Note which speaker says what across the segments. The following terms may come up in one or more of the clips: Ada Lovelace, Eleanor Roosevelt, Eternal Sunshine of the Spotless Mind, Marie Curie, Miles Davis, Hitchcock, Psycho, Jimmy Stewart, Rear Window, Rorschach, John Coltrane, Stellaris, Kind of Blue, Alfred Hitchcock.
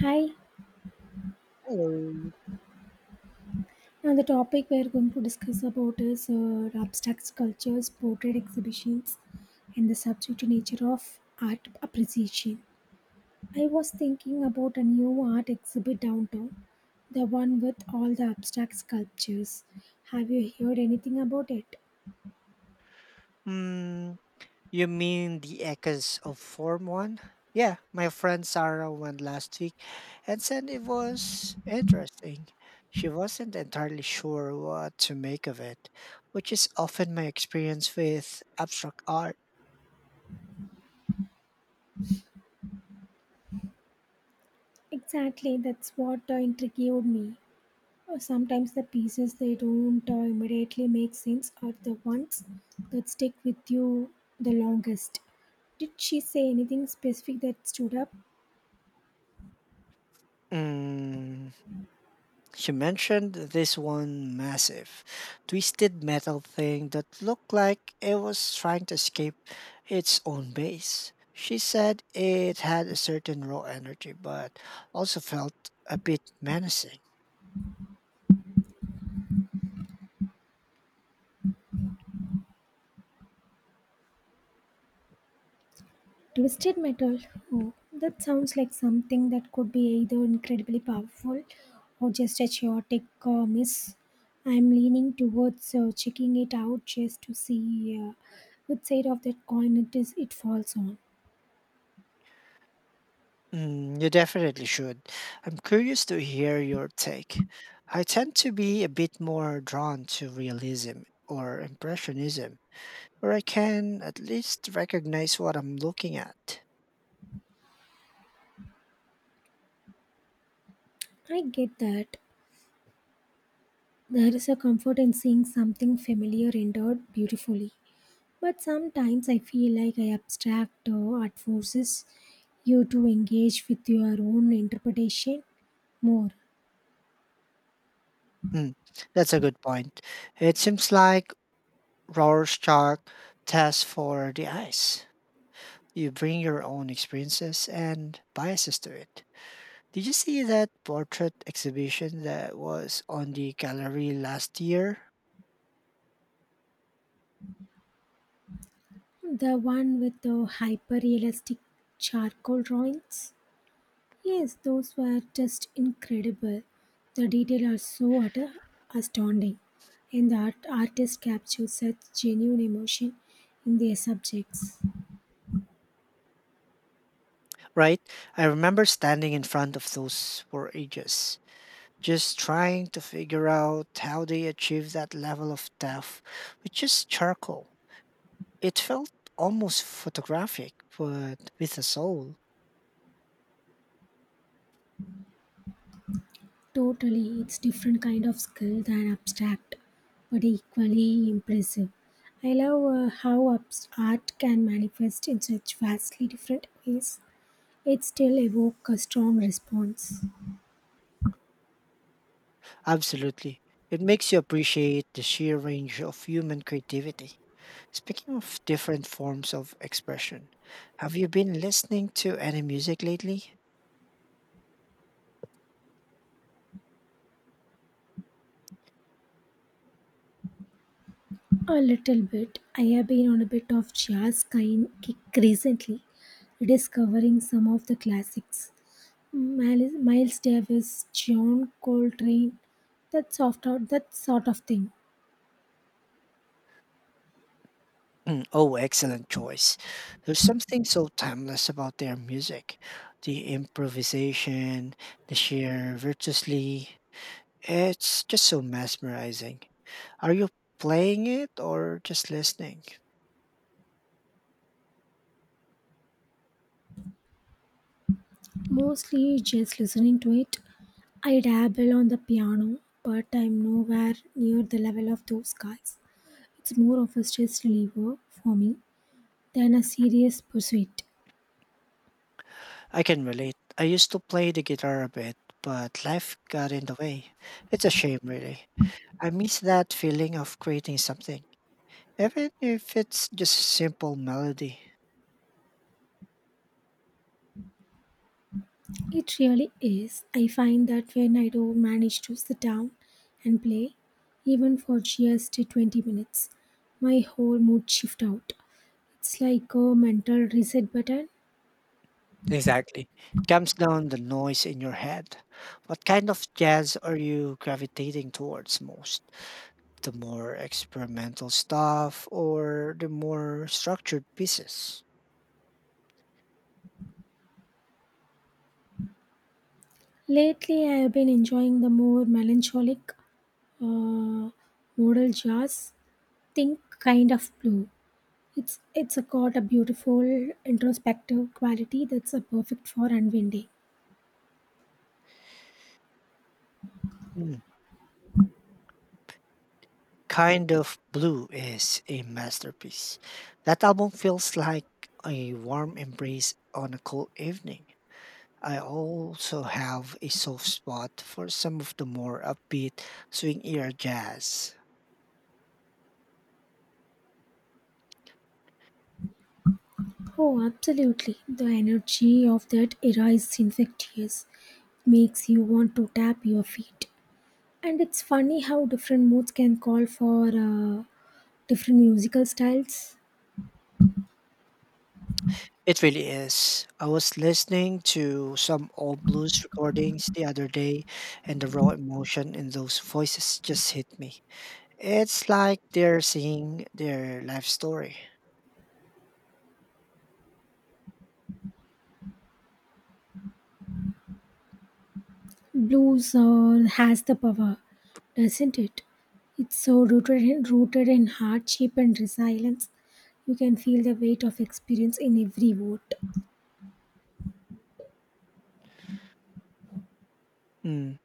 Speaker 1: Hi,
Speaker 2: Hello.
Speaker 1: now the topic we are going to discuss about is abstract sculptures, portrait exhibitions, and the subject nature of art appreciation. I was thinking about a new art exhibit downtown, the one with all the abstract sculptures. Have you heard anything about it?
Speaker 2: Mm, you mean echoes of Form 1? Yeah, my friend Sarah went last week and said it was interesting. She wasn't entirely sure what to make of it, which is often my experience with abstract art.
Speaker 1: Exactly, that's what intrigued me. Sometimes the pieces they don't immediately make sense are the ones that stick with you the longest. Did she say anything specific that stood up?
Speaker 2: Mm. She mentioned this one massive, twisted metal thing that looked like it was trying to escape its own base. She said it had a certain raw energy, but also felt a bit menacing.
Speaker 1: Twisted metal. Oh, that sounds like something that could be either incredibly powerful or just a chaotic miss. I'm leaning towards checking it out just to see which side of that coin it falls on.
Speaker 2: Mm, you definitely should. I'm curious to hear your take. I tend to be a bit more drawn to realism or impressionism, where I can at least recognize what I'm looking at.
Speaker 1: I get that. There is a comfort in seeing something familiar rendered beautifully. But sometimes I feel like I abstract art forces you to engage with your own interpretation more.
Speaker 2: Mm, that's a good point. It seems like Rorschach test for the eyes. You bring your own experiences and biases to it. Did you see that portrait exhibition that was on the gallery last year?
Speaker 1: The one with the hyper realistic charcoal drawings? Yes, those were just incredible. The details are so utter astounding, and the artist captures such genuine emotion in their subjects.
Speaker 2: Right? I remember standing in front of those for ages, just trying to figure out how they achieved that level of depth with just charcoal. It felt almost photographic, but with a soul.
Speaker 1: Totally, it's different kind of skill than abstract, but equally impressive. I love how art can manifest in such vastly different ways. It still evoke a strong response.
Speaker 2: Absolutely. It makes you appreciate the sheer range of human creativity. Speaking of different forms of expression, have you been listening to any music lately?
Speaker 1: A little bit. I have been on a bit of jazz kind kick recently, discovering some of the classics. Miles Davis, John Coltrane, that soft that sort of thing.
Speaker 2: Mm, oh, excellent choice. There's something so timeless about their music. The improvisation, the sheer virtuosity, it's just so mesmerizing. Are you playing it or just listening?
Speaker 1: Mostly just listening to it. I dabble on the piano, but I'm nowhere near the level of those guys. It's more of a stress reliever for me than a serious pursuit.
Speaker 2: I can relate. I used to play the guitar a bit, but life got in the way. It's a shame, really. I miss that feeling of creating something, even if it's just a simple melody.
Speaker 1: It really is. I find that when I do manage to sit down and play, even for just 20 minutes, my whole mood shift out. It's like a mental reset button.
Speaker 2: Exactly. It calms down the noise in your head. What kind of jazz are you gravitating towards most? The more experimental stuff or the more structured pieces?
Speaker 1: Lately, I have been enjoying the more melancholic uh, modal jazz think kind of blue. It's got a beautiful introspective quality that's a perfect for unwinding.
Speaker 2: Mm, Kind of Blue is a masterpiece. That album feels like a warm embrace on a cold evening. I also have a soft spot for some of the more upbeat swing era jazz.
Speaker 1: Oh, absolutely. The energy of that era is infectious. Makes you want to tap your feet. And it's funny how different moods can call for uh, different musical styles.
Speaker 2: It really is. I was listening to some old blues recordings the other day, and the raw emotion in those voices just hit me. It's like they're singing their life story.
Speaker 1: Blues has the power, doesn't it? It's so rooted in hardship and resilience. You can feel the weight of experience in every word.
Speaker 2: Mm,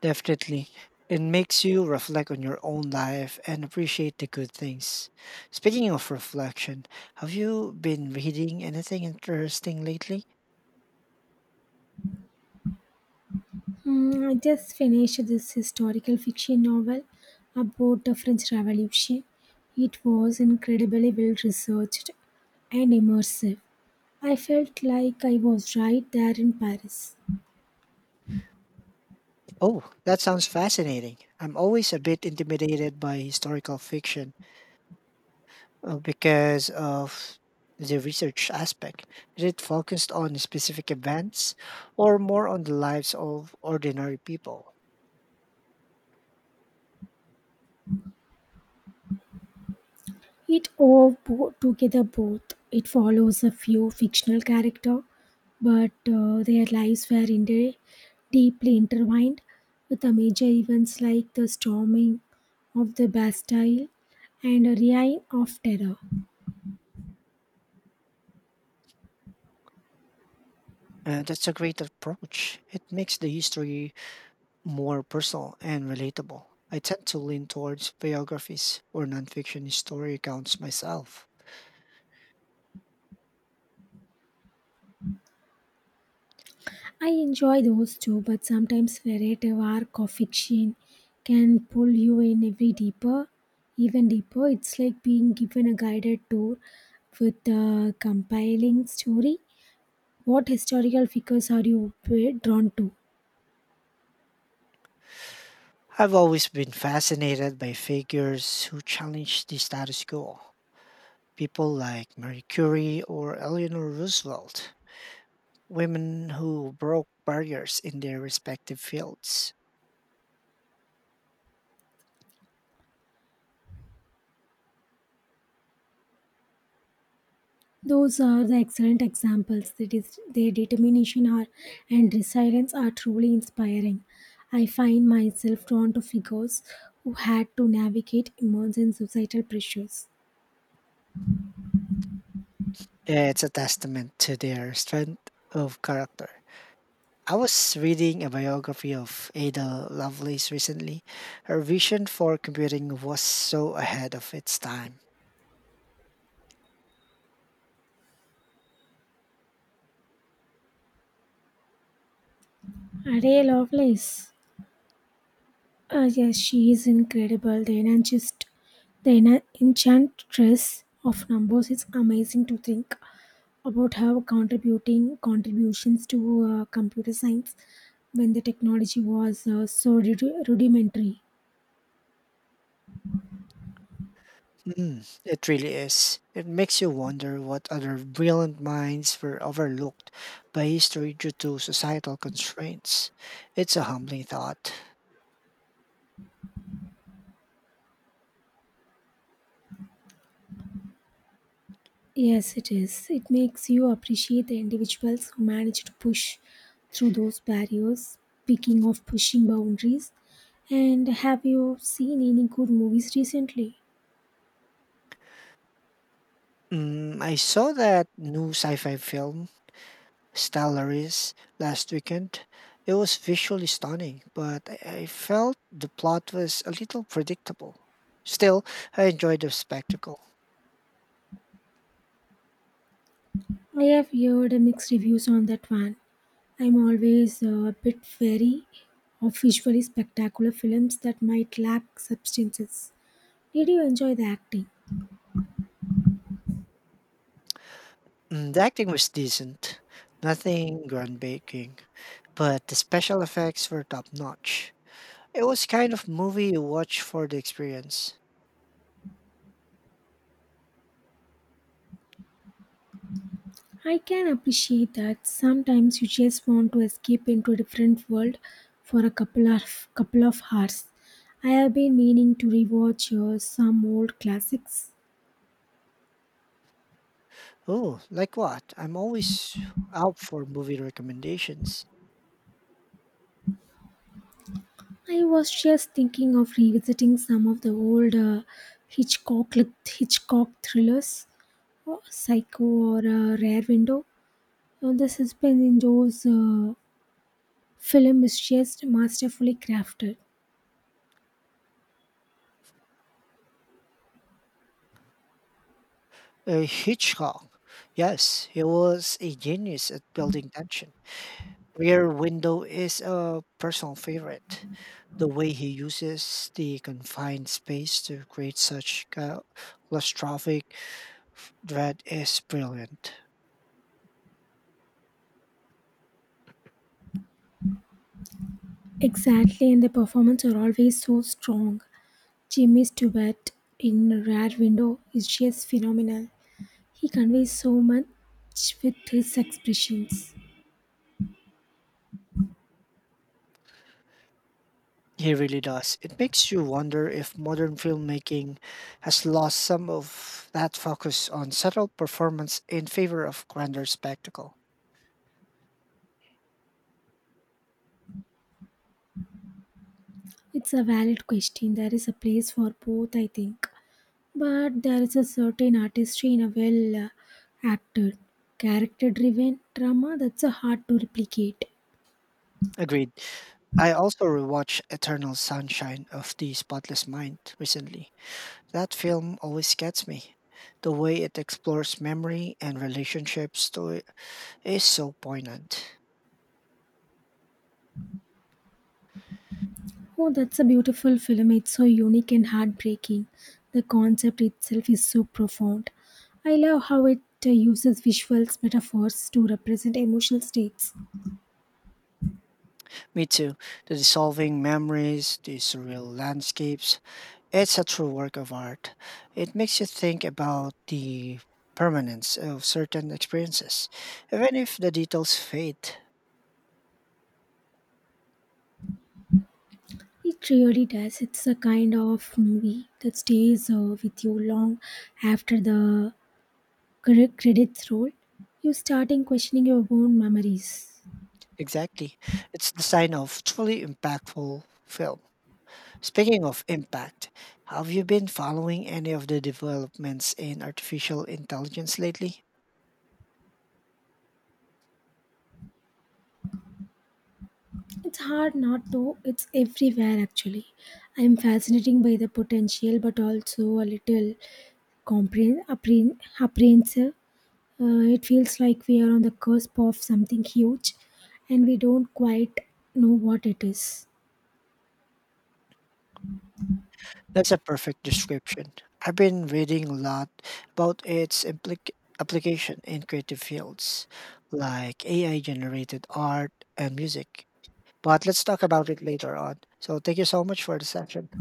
Speaker 2: definitely. It makes you reflect on your own life and appreciate the good things. Speaking of reflection, have you been reading anything interesting lately?
Speaker 1: Hmm, I just finished this historical fiction novel about the French Revolution. It was incredibly well researched and immersive. I felt like I was right there in Paris.
Speaker 2: Oh, that sounds fascinating. I'm always a bit intimidated by historical fiction because of the research aspect. Is it focused on specific events or more on the lives of ordinary people?
Speaker 1: It all bo- together both. It follows a few fictional characters, but their lives were deeply intertwined with the major events like the storming of the Bastille and a reign of terror.
Speaker 2: And that's a great approach. It makes the history more personal and relatable. I tend to lean towards biographies or nonfiction story accounts myself.
Speaker 1: I enjoy those too, but sometimes narrative arc of fiction can pull you in every deeper, even deeper. It's like being given a guided tour with a compelling story. What historical figures are you drawn to?
Speaker 2: I've always been fascinated by figures who challenge the status quo people like Marie Curie or Eleanor Roosevelt, women who broke barriers in their respective fields.
Speaker 1: Those are the excellent examples. That is, their determination are, and resilience are truly inspiring. I find myself drawn to figures who had to navigate immense and societal pressures.
Speaker 2: It's a testament to their strength of character. I was reading a biography of Ada Lovelace recently. Her vision for computing was so ahead of its time.
Speaker 1: Are they Lovelace? Yes, she is incredible. The enancist, the enchantress of numbers. It's amazing to think about her contributing contributions to computer science when the technology was so rudimentary.
Speaker 2: Mm, it really is. It makes you wonder what other brilliant minds were overlooked by history due to societal constraints. It's a humbling thought.
Speaker 1: Yes, it is. It makes you appreciate the individuals who manage to push through those barriers. Speaking of pushing boundaries, and have you seen any good movies recently?
Speaker 2: Mm, I saw that new sci fi film, Stellaris, last weekend. It was visually stunning, but I felt the plot was a little predictable. Still, I enjoyed the spectacle.
Speaker 1: I have heard mixed reviews on that one. I'm always a bit wary of visually spectacular films that might lack substances. Did you enjoy the acting?
Speaker 2: Mm, the acting was decent, nothing groundbreaking, but the special effects were top notch. It was kind of movie you watch for the experience.
Speaker 1: I can appreciate that sometimes you just want to escape into a different world for a couple of hours. I have been meaning to rewatch some old classics.
Speaker 2: Oh, like what? I'm always out for movie recommendations.
Speaker 1: I was just thinking of revisiting some of the old Hitchcock Hitchcock thrillers, or Psycho, or Rare Window. Now, the suspense in those film is just masterfully crafted.
Speaker 2: Hitchcock. Yes, he was a genius at building tension. Rear Window is a personal favorite. The way he uses the confined space to create such claustrophic dread is brilliant.
Speaker 1: Exactly, and the performance are always so strong. Jimmy Stewart in Rare Window is just phenomenal. He conveys so much with his expressions.
Speaker 2: He really does. It makes you wonder if modern filmmaking has lost some of that focus on subtle performance in favor of grander spectacle.
Speaker 1: It's a valid question. There is a place for both, I think. But there is a certain artistry in a well acted, character driven drama that's hard to replicate.
Speaker 2: Agreed. I also rewatched Eternal Sunshine of the Spotless Mind recently. That film always gets me. The way it explores memory and relationships to it is so poignant.
Speaker 1: Oh, that's a beautiful film. It's so unique and heartbreaking. The concept itself is so profound. I love how it uses visuals, metaphors to represent emotional states.
Speaker 2: Me too. The dissolving memories, the surreal landscapes, it's a true work of art. It makes you think about the permanence of certain experiences, even if the details fade.
Speaker 1: It really does. It's a kind of movie that stays with you long after the credits roll. You starting questioning your own memories.
Speaker 2: Exactly. It's the sign of truly impactful film. Speaking of impact, have you been following any of the developments in artificial intelligence lately?
Speaker 1: It's hard not to, it's everywhere actually. I'm fascinated by the potential but also a little apprehensive. It feels like we are on the cusp of something huge and we don't quite know what it is.
Speaker 2: That's a perfect description. I've been reading a lot about its application in creative fields like AI generated art and music. But let's talk about it later on. So, thank you so much for the session.